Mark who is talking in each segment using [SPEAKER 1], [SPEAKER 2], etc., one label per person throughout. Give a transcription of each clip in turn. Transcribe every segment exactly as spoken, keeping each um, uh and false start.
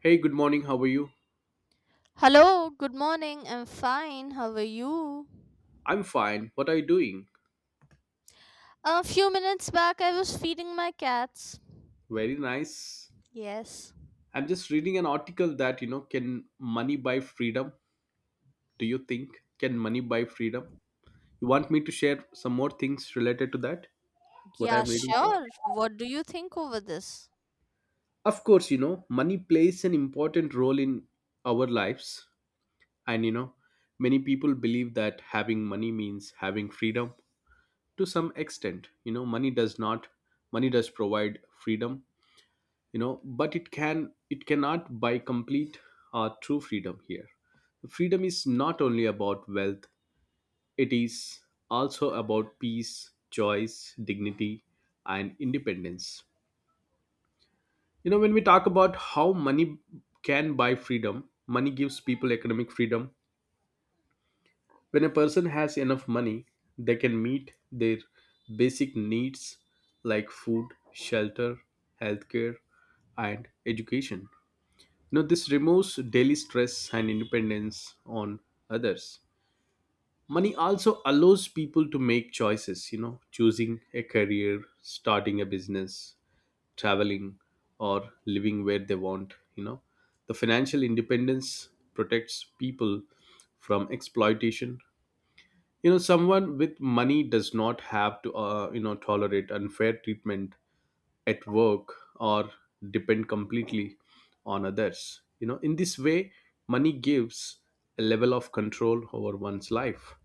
[SPEAKER 1] Hey, good morning. How are you?
[SPEAKER 2] Hello, good morning. I'm fine. How are you?
[SPEAKER 1] I'm fine. What are you doing?
[SPEAKER 2] A few minutes back, I was feeding my cats.
[SPEAKER 1] Very nice.
[SPEAKER 2] Yes.
[SPEAKER 1] I'm just reading an article that, you know, can money buy freedom? Do you think? Can money buy freedom? You want me to share some more things related to that? What
[SPEAKER 2] Yeah,
[SPEAKER 1] I'm reading here?
[SPEAKER 2] sure. What do you think over this?
[SPEAKER 1] Of course, you know, money plays an important role in our lives. And, you know, many people believe that having money means having freedom to some extent. You know, money does not, money does provide freedom, you know but it can it cannot buy complete or true freedom here. Freedom is not only about wealth, it is also about peace, choice, dignity, and independence. You know when we talk about how money can buy freedom, money gives people economic freedom. When a person has enough money, they can meet their basic needs like food, shelter, healthcare, and education. Now, this removes daily stress and independence on others. Money also allows people to make choices, you know, choosing a career, starting a business, traveling, or living where they want, you know. The financial independence protects people from exploitation. You know, someone with money does not have to, uh, you know, tolerate unfair treatment at work or depend completely on others. You know in this way, money gives a level of control over one's life.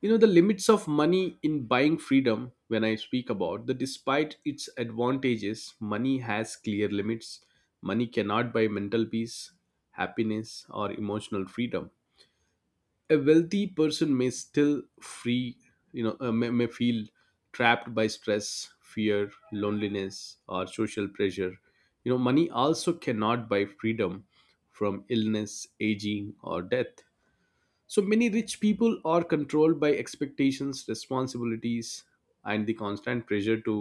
[SPEAKER 1] you know The limits of money in buying freedom, when I speak about the despite its advantages, money has clear limits. Money cannot buy mental peace, happiness, or emotional freedom. A wealthy person may still free, you know uh, may, may feel trapped by stress, fear, loneliness, or social pressure. You know money also cannot buy freedom from illness, aging, or death. So many rich people are controlled by expectations, responsibilities, and the constant pressure to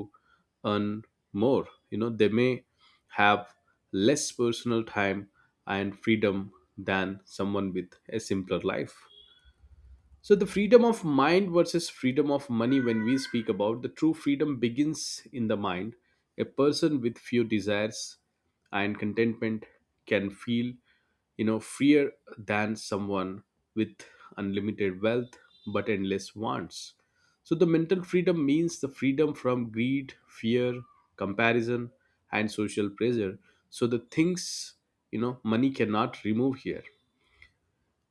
[SPEAKER 1] earn more. You know they may have less personal time and freedom than someone with a simpler life. So, the freedom of mind versus freedom of money, when we speak about the true freedom, begins in the mind. A person with few desires and contentment can feel, you know, freer than someone with unlimited wealth but endless wants. So, the mental freedom means the freedom from greed, fear, comparison, and social pressure. So, the things, you know, money cannot remove here.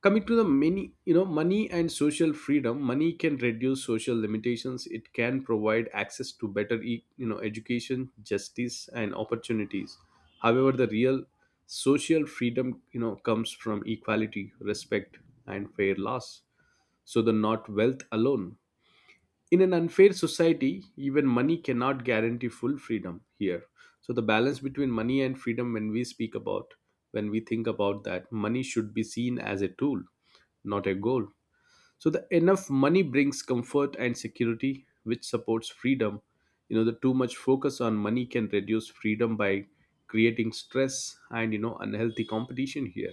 [SPEAKER 1] Coming to the many, you know money and social freedom, money can reduce social limitations. It can provide access to better e- you know education, justice, and opportunities. However, the real social freedom, you know comes from equality, respect, and fair laws. So the not wealth alone, in an unfair society even money cannot guarantee full freedom here. So the balance between money and freedom, when we speak about, when we think about that, money should be seen as a tool, not a goal. So the enough money brings comfort and security, which supports freedom. You know the too much focus on money can reduce freedom by creating stress and, you know unhealthy competition here.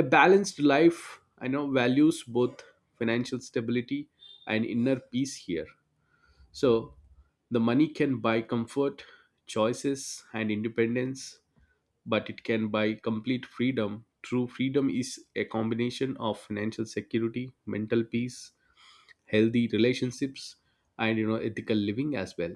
[SPEAKER 1] A balanced life, I know, values both financial stability and inner peace here. So, the money can buy comfort, choices, and independence, but it can buy complete freedom. True freedom is a combination of financial security, mental peace, healthy relationships, and, you know ethical living as well.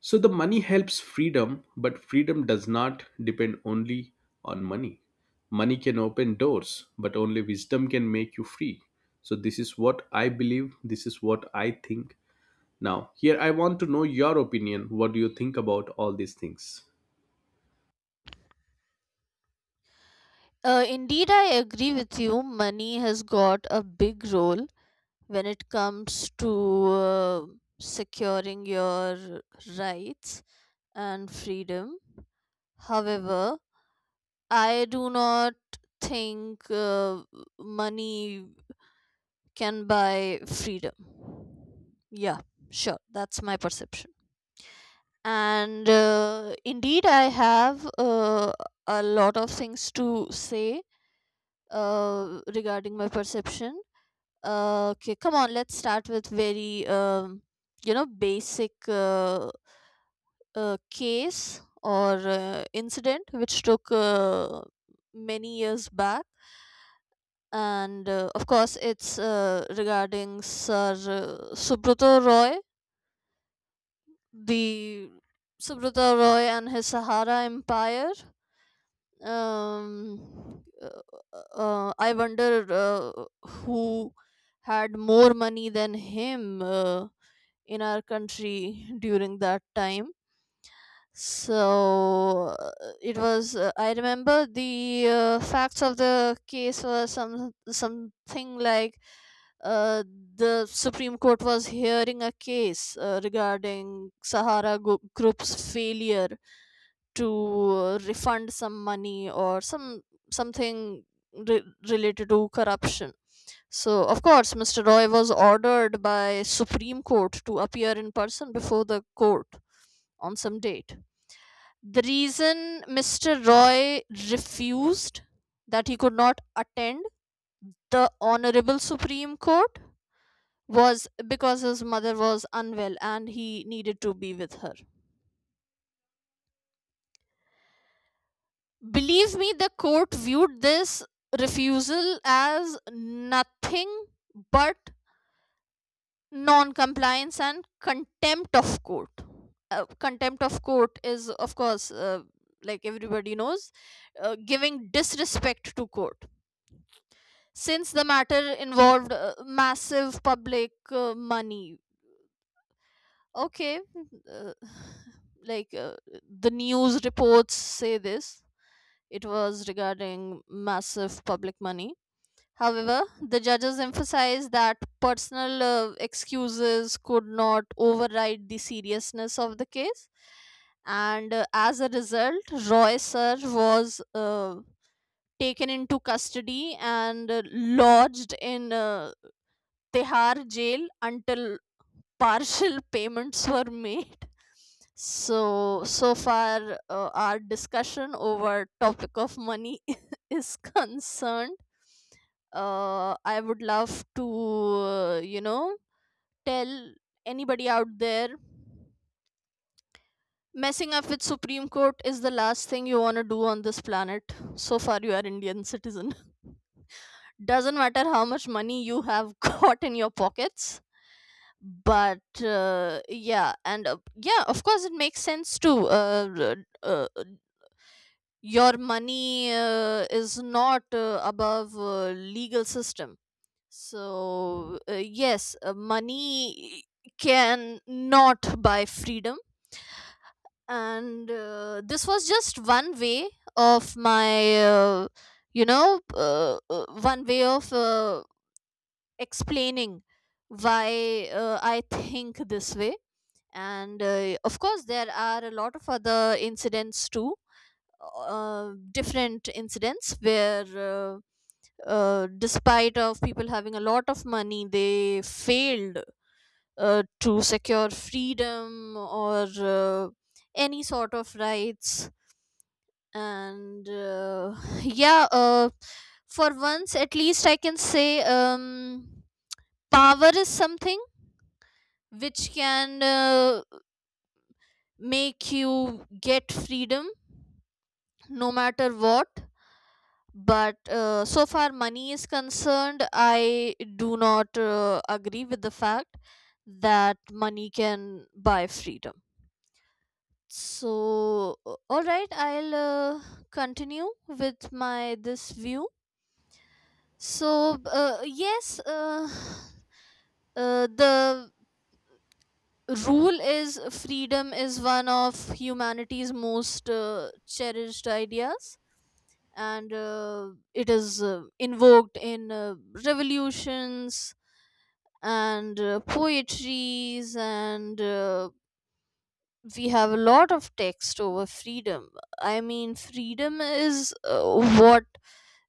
[SPEAKER 1] So the money helps freedom, but freedom does not depend only on money. Money can open doors, but only wisdom can make you free. So this is what I believe, this is what I think. Now, here I want to know your opinion. What do you think about all these things?
[SPEAKER 2] Uh, indeed, I agree with you. Money has got a big role when it comes to uh, securing your rights and freedom. However, I do not think uh, money can buy freedom. Yeah, sure. That's my perception. And uh, indeed, I have uh, a lot of things to say uh, regarding my perception. Uh, okay, come on, let's start with very, um, you know, basic uh, uh, case or uh, incident which took uh, many years back. And uh, of course, it's uh, regarding Sir uh, Subrato Roy, the Subrata Roy and his Sahara Empire. Um, uh, uh, I wonder uh, who had more money than him uh, in our country during that time. So uh, it was. Uh, I remember the uh, facts of the case were some something like uh, the Supreme Court was hearing a case uh, regarding Sahara Gro- Group's failure to uh, refund some money or some something re- related to corruption. So of course, Mister Roy was ordered by Supreme Court to appear in person before the court on some date. The reason Mister Roy refused, that he could not attend the Honorable Supreme Court, was because his mother was unwell and he needed to be with her. Believe me, the court viewed this refusal as nothing but non compliance and contempt of court. Uh, contempt of court is, of course, uh, like everybody knows, uh, giving disrespect to court, since the matter involved uh, massive public uh, money. Okay, uh, like uh, the news reports say this. It was regarding massive public money. However, the judges emphasized that personal uh, excuses could not override the seriousness of the case. And uh, as a result, Roy Sir was uh, taken into custody and uh, lodged in uh, Tehar jail until partial payments were made. So, so far, uh, our discussion over topic of money is concerned. Uh, I would love to, uh, you know, tell anybody out there, messing up with Supreme Court is the last thing you want to do on this planet. So far, you are Indian citizen. Doesn't matter how much money you have got in your pockets, but uh, yeah, and uh, yeah, of course it makes sense to uh, uh, uh, your money uh, is not uh, above uh, legal system. So uh, yes, uh, money can not buy freedom, and uh, this was just one way of my uh, you know uh, uh, one way of uh, explaining why uh, I think this way. And uh, of course, there are a lot of other incidents too, uh, different incidents where uh, uh, despite of people having a lot of money, they failed uh, to secure freedom or uh, any sort of rights. And uh, yeah, uh, for once at least I can say, um, power is something which can uh, make you get freedom no matter what. But uh, so far money is concerned, I do not uh, agree with the fact that money can buy freedom. So uh, all right, I'll uh, continue with my this view. So uh, yes, uh, uh, the rule is freedom is one of humanity's most uh, cherished ideas, and uh, it is uh, invoked in uh, revolutions and uh, poetries, and uh, we have a lot of text over freedom. I mean, freedom is uh, what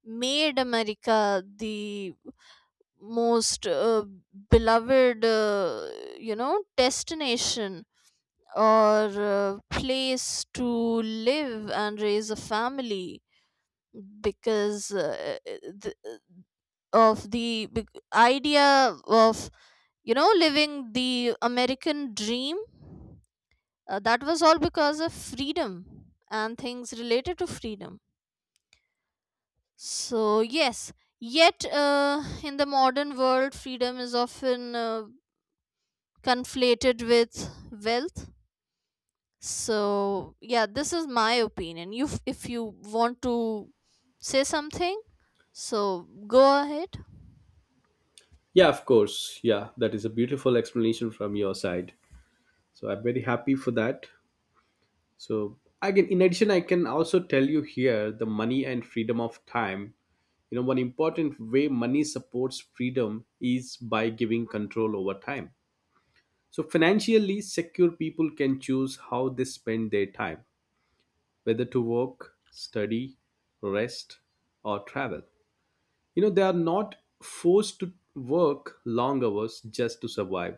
[SPEAKER 2] made America the most uh, beloved uh, you know, destination or a place to live and raise a family, because uh, th- of the big idea of, you know, living the American dream. Uh, that was all because of freedom and things related to freedom. So yes, yet uh, in the modern world, freedom is often uh, conflated with wealth. So yeah, this is my opinion. You f- if you want to say something, so go ahead.
[SPEAKER 1] Yeah, of course. Yeah, that is a beautiful explanation from your side. So I'm very happy for that. So again, in addition, I can also tell you here the money and freedom of time. You know, one important way money supports freedom is by giving control over time. So financially secure people can choose how they spend their time, whether to work, study, rest, or travel. You know, they are not forced to work long hours just to survive.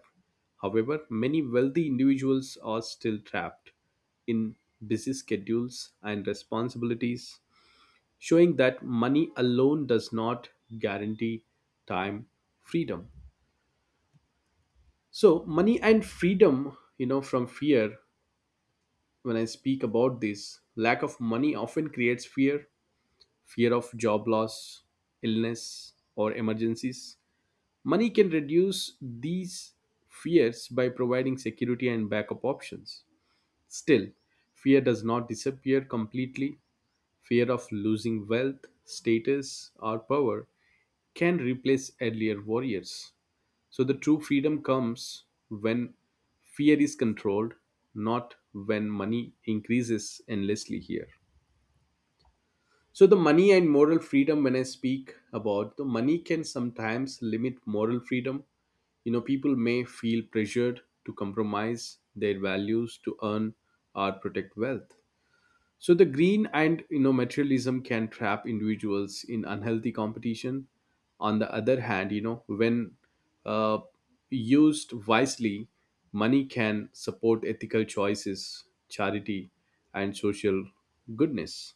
[SPEAKER 1] However, many wealthy individuals are still trapped in busy schedules and responsibilities, showing that money alone does not guarantee time freedom. So, money and freedom, you know, from fear, when I speak about this, lack of money often creates fear, fear of job loss, illness, or emergencies. Money can reduce these fears by providing security and backup options. Still, fear does not disappear completely. Fear of losing wealth, status, or power can replace earlier warriors. So, the true freedom comes when fear is controlled, not when money increases endlessly here. So, the money and moral freedom, when I speak about the money, can sometimes limit moral freedom. You know, people may feel pressured to compromise their values to earn or protect wealth. So, the green and, you know materialism can trap individuals in unhealthy competition. On the other hand, you know, when uh, used wisely, money can support ethical choices, charity, and social goodness.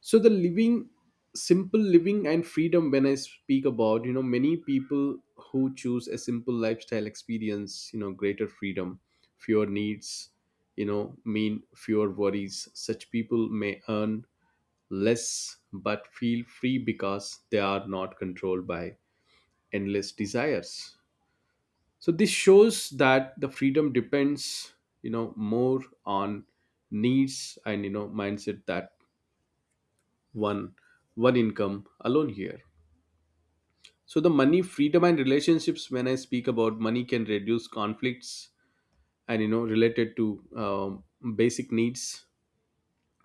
[SPEAKER 1] So the living, simple living and freedom, when I speak about, you know many people who choose a simple lifestyle experience, you know greater freedom. Fewer needs, you know mean fewer worries. Such people may earn less but feel free because they are not controlled by endless desires. So this shows that the freedom depends, you know more on needs and, you know mindset, that one one income alone here. So the money, freedom, and relationships, when I speak about, money can reduce conflicts and, you know related to, um, basic needs,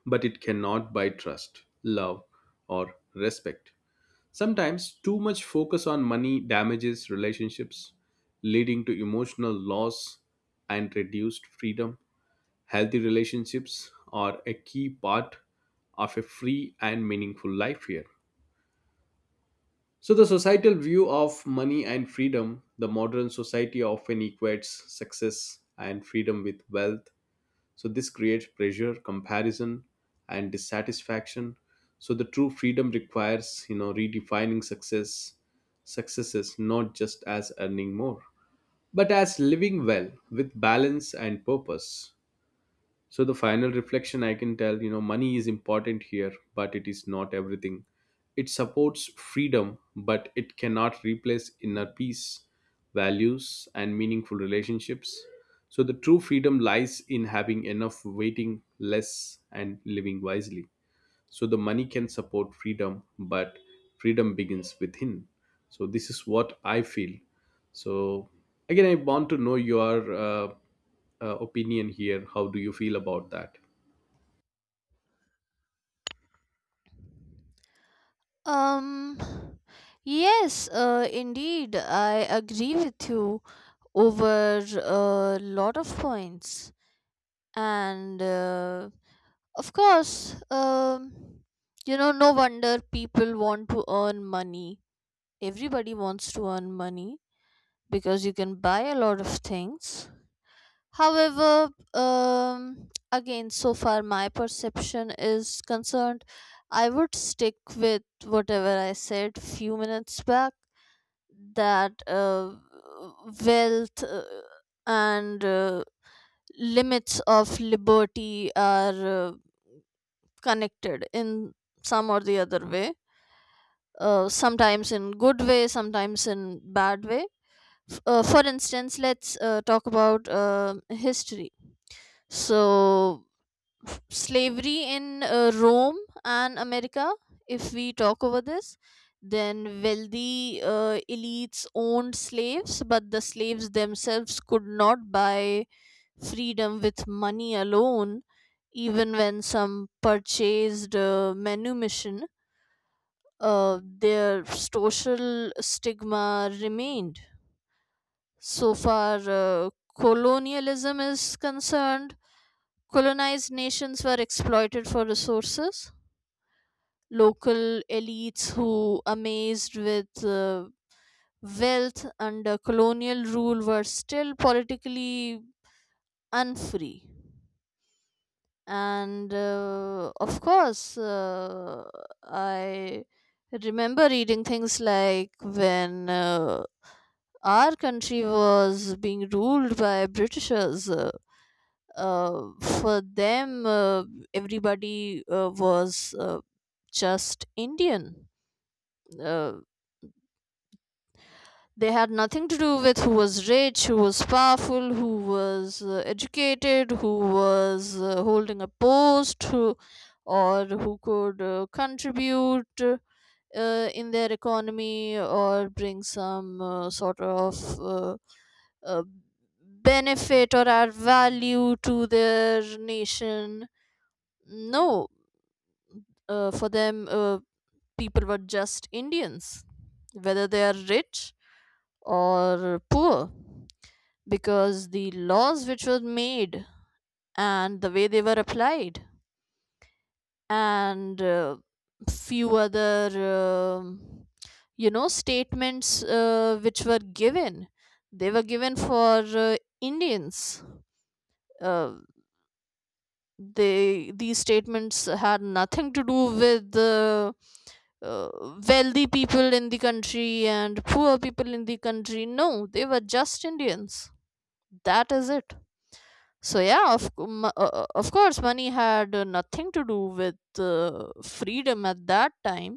[SPEAKER 1] but it cannot buy trust, love, or respect. Sometimes too much focus on money damages relationships, leading to emotional loss and reduced freedom. Healthy relationships are a key part of a free and meaningful life here. So, the societal view of money and freedom, the modern society often equates success and freedom with wealth. So, this creates pressure, comparison, and dissatisfaction. So, the true freedom requires, you know, redefining success, successes not just as earning more, but as living well with balance and purpose. So the final reflection I can tell, you know, money is important here, but it is not everything. It supports freedom, but it cannot replace inner peace, values, and meaningful relationships. So the true freedom lies in having enough, waiting less, and living wisely. So the money can support freedom, but freedom begins within. So this is what I feel. So again, I want to know your uh, uh, opinion here. How do you feel about that?
[SPEAKER 2] Um yes, uh indeed, I agree with you over a lot of points. And uh, of course, um you know no wonder people want to earn money. Everybody wants to earn money because you can buy a lot of things. However, um, again, so far my perception is concerned, I would stick with whatever I said few minutes back, that uh, wealth uh, and uh, limits of liberty are uh, connected in some or the other way, uh, sometimes in good way, sometimes in bad way. F- uh, for instance, let's uh, talk about uh, history. So slavery in uh, Rome and America, if we talk over this, then wealthy uh, elites owned slaves, but the slaves themselves could not buy freedom with money alone, even when some purchased uh, manumission. Uh, their social stigma remained. So far, uh, colonialism is concerned, colonized nations were exploited for resources. Local elites who amazed with uh, wealth under colonial rule were still politically unfree. And uh, of course, uh, I remember reading things like when uh, our country was being ruled by Britishers. uh, uh, for them, uh, everybody uh, was uh, just Indian. uh, they had nothing to do with who was rich, who was powerful, who was uh, educated, who was uh, holding a post, who, or who could uh, contribute uh, in their economy, or bring some uh, sort of uh, uh, benefit or add value to their nation. No, uh, for them, uh, people were just Indians, whether they are rich or poor, because the laws which were made and the way they were applied, and uh, few other um you know statements uh, which were given, they were given for uh, Indians. uh, they these statements had nothing to do with the uh, wealthy people in the country and poor people in the country. No, they were just Indians, that is it. So yeah, of cou- mo- uh, uh, of course money had uh, nothing to do with uh, freedom at that time.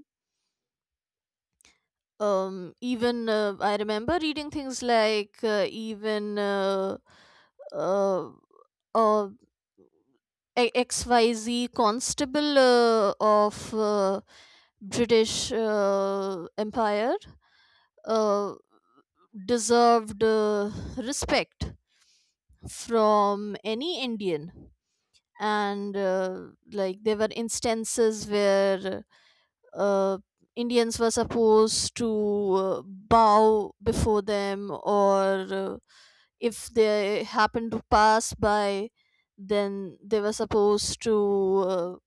[SPEAKER 2] um Even uh, I remember reading things like uh, even uh, uh, uh, a- X Y Z constable uh, of uh, British uh, Empire uh, deserved uh, respect from any Indian. And uh, like there were instances where uh, Indians were supposed to uh, bow before them, or uh, if they happened to pass by, then they were supposed to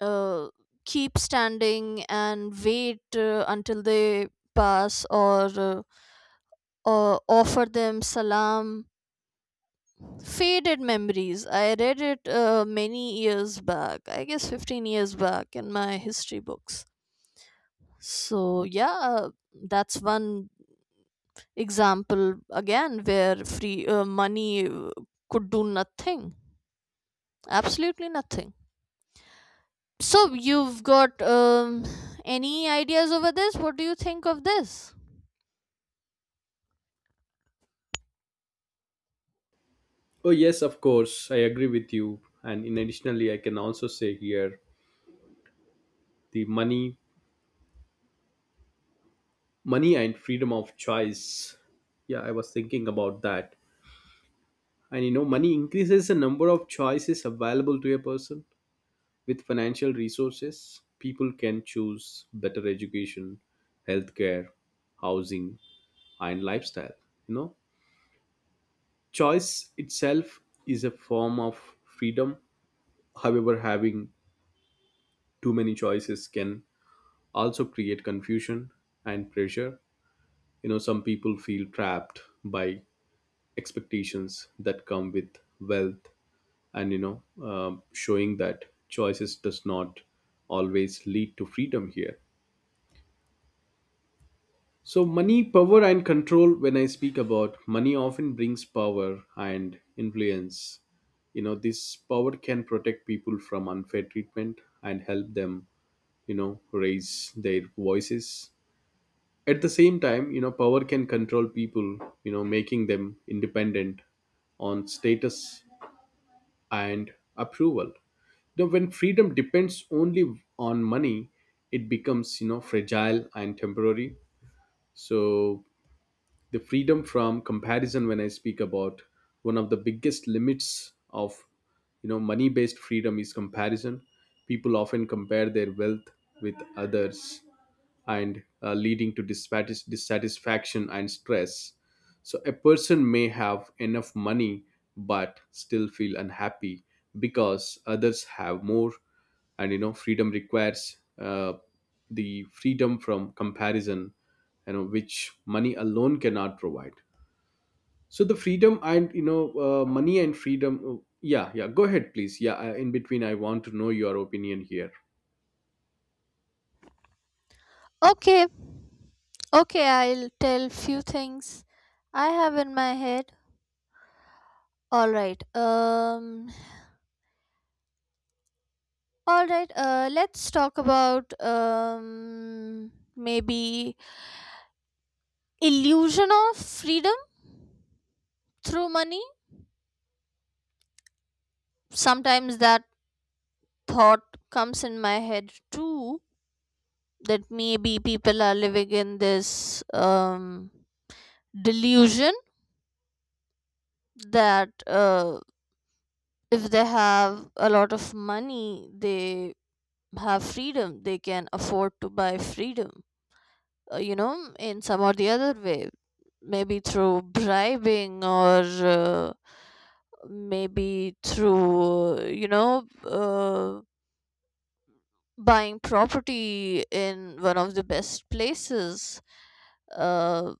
[SPEAKER 2] uh, uh, keep standing and wait uh, until they pass, or uh, or offer them salam. Faded memories, I read it uh, many years back, I guess fifteen years back in my history books. So yeah, that's one example again where free uh, money uh, could do nothing, absolutely nothing. So you've got um, any ideas over this? What do you think of this?
[SPEAKER 1] Oh yes, of course, I agree with you. And in additionally, I can also say here the money money and freedom of choice. Yeah, I was thinking about that. And you know money increases the number of choices available to a person. With financial resources, people can choose better education, healthcare, housing, and lifestyle. You know, choice itself is a form of freedom. However, having too many choices can also create confusion and pressure. You know, some people feel trapped by expectations that come with wealth, and, you know, um showing that choices does not always lead to freedom here. So, money, power, and control. When I speak about money, often brings power and influence. You know, this power can protect people from unfair treatment and help them, you know, raise their voices. At the same time, you know, power can control people, you know, making them independent on status and approval. You know, when freedom depends only on money, it becomes, you know, fragile and temporary. So, the freedom from comparison, when I speak about, one of the biggest limits of, you know money based freedom is comparison. People often compare their wealth with others, and uh, leading to dissatis- dissatisfaction and stress. So a person may have enough money but still feel unhappy because others have more, and, you know freedom requires, uh, the freedom from comparison, you know which money alone cannot provide. So the freedom and, you know uh, money and freedom. Oh, yeah, yeah. Go ahead, please. Yeah, uh, in between, I want to know your opinion here.
[SPEAKER 2] Okay, okay, I'll tell few things I have in my head. All right. Um all right, uh let's talk about um maybe illusion of freedom through money. Sometimes that thought comes in my head too, that maybe people are living in this um delusion that uh if they have a lot of money, they have freedom, they can afford to buy freedom, uh, you know, in some or the other way, maybe through bribing, or uh, maybe through uh, you know uh, buying property in one of the best places. uh,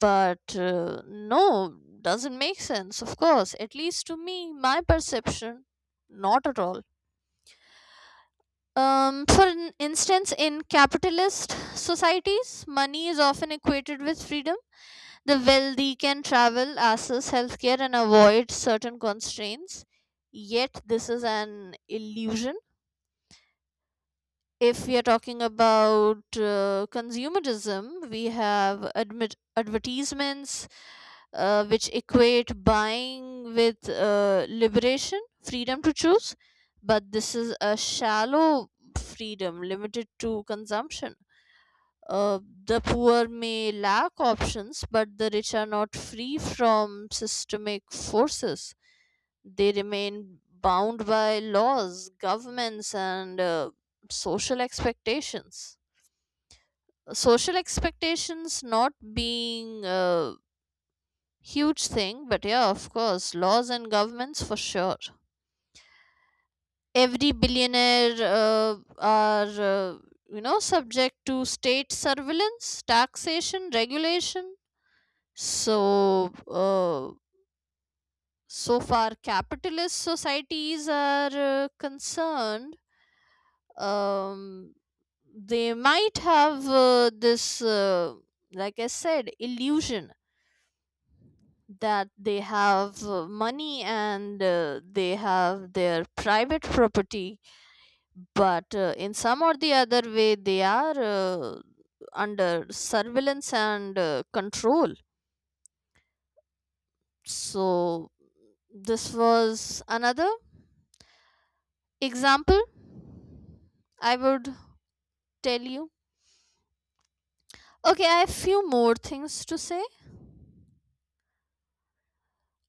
[SPEAKER 2] but uh, no, doesn't make sense, of course, at least to me, my perception, not at all. Um, for in- instance, in capitalist societies, money is often equated with freedom. The wealthy can travel, access healthcare, and avoid certain constraints. Yet, this is an illusion. If we are talking about uh, consumerism, we have admit advertisements uh, which equate buying with uh, liberation, freedom to choose, but this is a shallow freedom limited to consumption. Uh, the poor may lack options, but the rich are not free from systemic forces. They remain bound by laws, governments, and uh, social expectations. Social expectations not being a huge thing, but yeah, of course, laws and governments for sure. Every billionaire uh, are, uh, you know, subject to state surveillance, taxation, regulation. So, uh, so far, capitalist societies are uh, concerned. Um, they might have uh, this, uh, like I said, illusion that they have uh, money, and uh, they have their private property, but uh, in some or the other way, they are uh, under surveillance and uh, control. So, this was another example, I would tell you. Okay, I have few more things to say.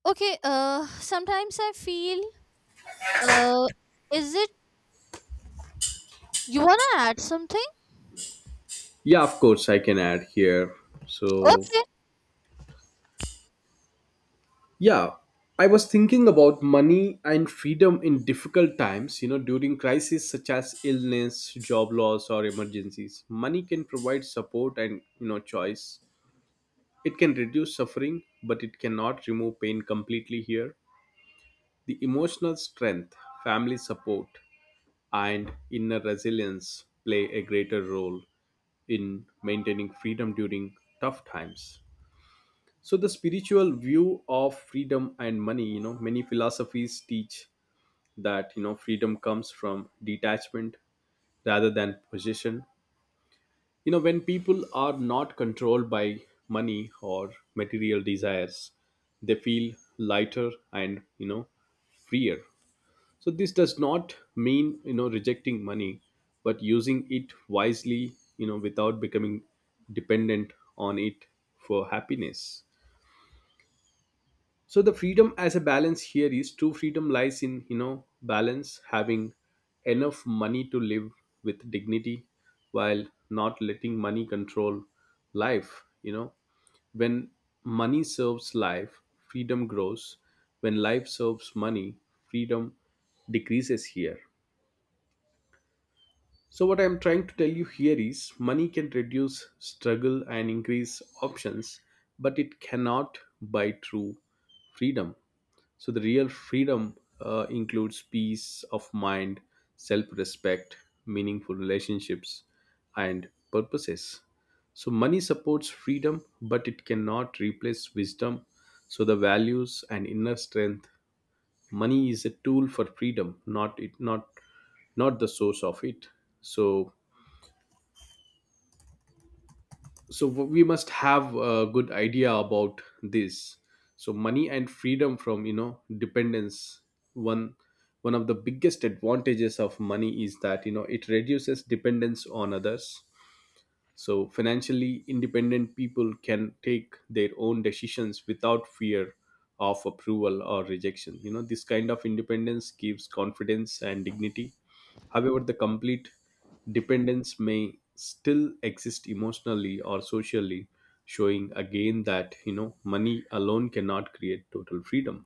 [SPEAKER 2] Okay, uh, sometimes I feel, uh, is it you wanna add something?
[SPEAKER 1] Yeah, of course, I can add here. So,
[SPEAKER 2] Okay,
[SPEAKER 1] yeah, I was thinking about money and freedom in difficult times, you know, during crises such as illness, job loss, or emergencies. Money can provide support and, you know, choice. It can reduce suffering, but it cannot remove pain completely here. The emotional strength, family support, and inner resilience play a greater role in maintaining freedom during tough times. So the spiritual view of freedom and money, you know many philosophies teach that you know freedom comes from detachment rather than possession. You know when people are not controlled by money or material desires, they feel lighter and you know freer. So this does not mean you know rejecting money, but using it wisely you know without becoming dependent on it for happiness. So the freedom as a balance here is true freedom lies in you know balance, having enough money to live with dignity while not letting money control life you know When money serves life, freedom grows. When life serves money, freedom decreases here. So what I'm trying to tell you here is money can reduce struggle and increase options, but it cannot buy true freedom. So the real freedom uh, includes peace of mind, self respect, meaningful relationships, and purposes. So money supports freedom, but it cannot replace wisdom. So the values and inner strength. Money is a tool for freedom, not it, not not the source of it. So so we must have a good idea about this. So money and freedom from you know dependence. One one of the biggest advantages of money is that you know it reduces dependence on others. So, financially independent people can take their own decisions without fear of approval or rejection. You know, this kind of independence gives confidence and dignity. However, the complete dependence may still exist emotionally or socially, showing again that, you know, money alone cannot create total freedom.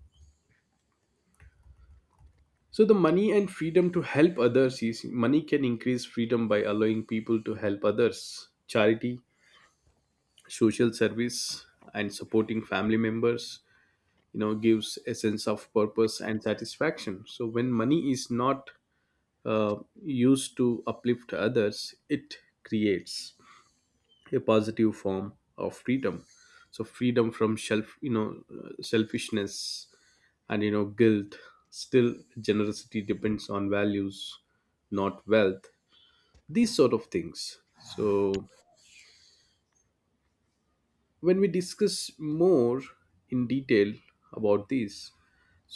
[SPEAKER 1] So the money and freedom to help others is money can increase freedom by allowing people to help others. Charity, social service, and supporting family members you know gives a sense of purpose and satisfaction. So when money is not uh, used to uplift others, it creates a positive form of freedom. So freedom from self, you know uh, selfishness, and you know guilt. Still, generosity depends on values, not wealth. These sort of things. So when we discuss more in detail about this.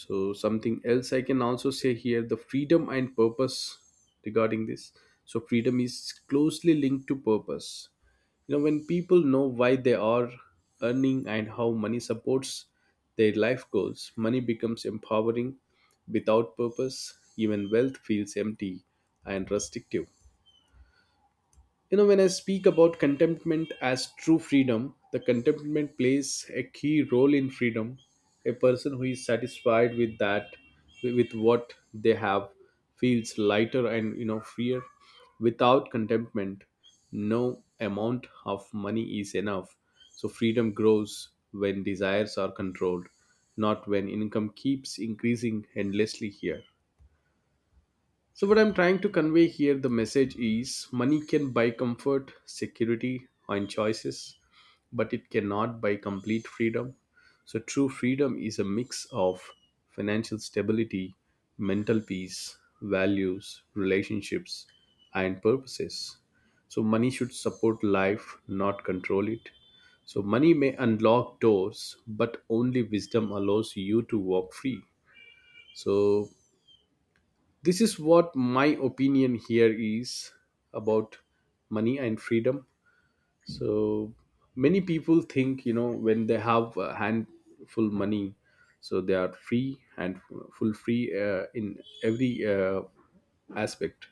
[SPEAKER 1] So something else I can also say here, the freedom and purpose regarding this. So freedom is closely linked to purpose. You know when people know why they are earning and how money supports their life goals, money becomes empowering. Without purpose, even wealth feels empty and restrictive. You know, when I speak about contentment as true freedom, the contentment plays a key role in freedom. A person who is satisfied with that, with what they have, feels lighter and you know freer. Without contentment, no amount of money is enough. So freedom grows when desires are controlled, not when income keeps increasing endlessly here. So, what I'm trying to convey here, the message is money can buy comfort, security, and choices, but it cannot buy complete freedom. So, true freedom is a mix of financial stability, mental peace, values, relationships, and purposes. So, money should support life, not control it. So, money may unlock doors, but only wisdom allows you to walk free. So, this is what my opinion here is about money and freedom. So many people think you know when they have a handful money, so they are free and full free uh, in every uh, aspect.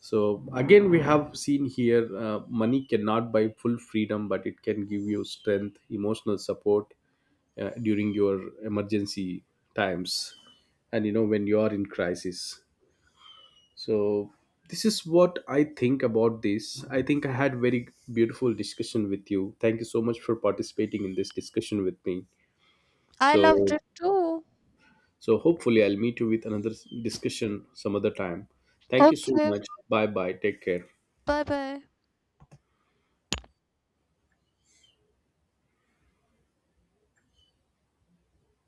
[SPEAKER 1] So again we have seen here, uh, money cannot buy full freedom, but it can give you strength, emotional support uh, during your emergency times, and you know when you are in crisis. So this is what I think about this. I think I had very beautiful discussion with you. Thank you so much for participating in this discussion with me.
[SPEAKER 2] I loved
[SPEAKER 1] So
[SPEAKER 2] it too.
[SPEAKER 1] so hopefully I'll meet you with another s- discussion some other time. Thank you so
[SPEAKER 2] Okay,
[SPEAKER 1] much. Bye bye. Take care.
[SPEAKER 2] bye bye.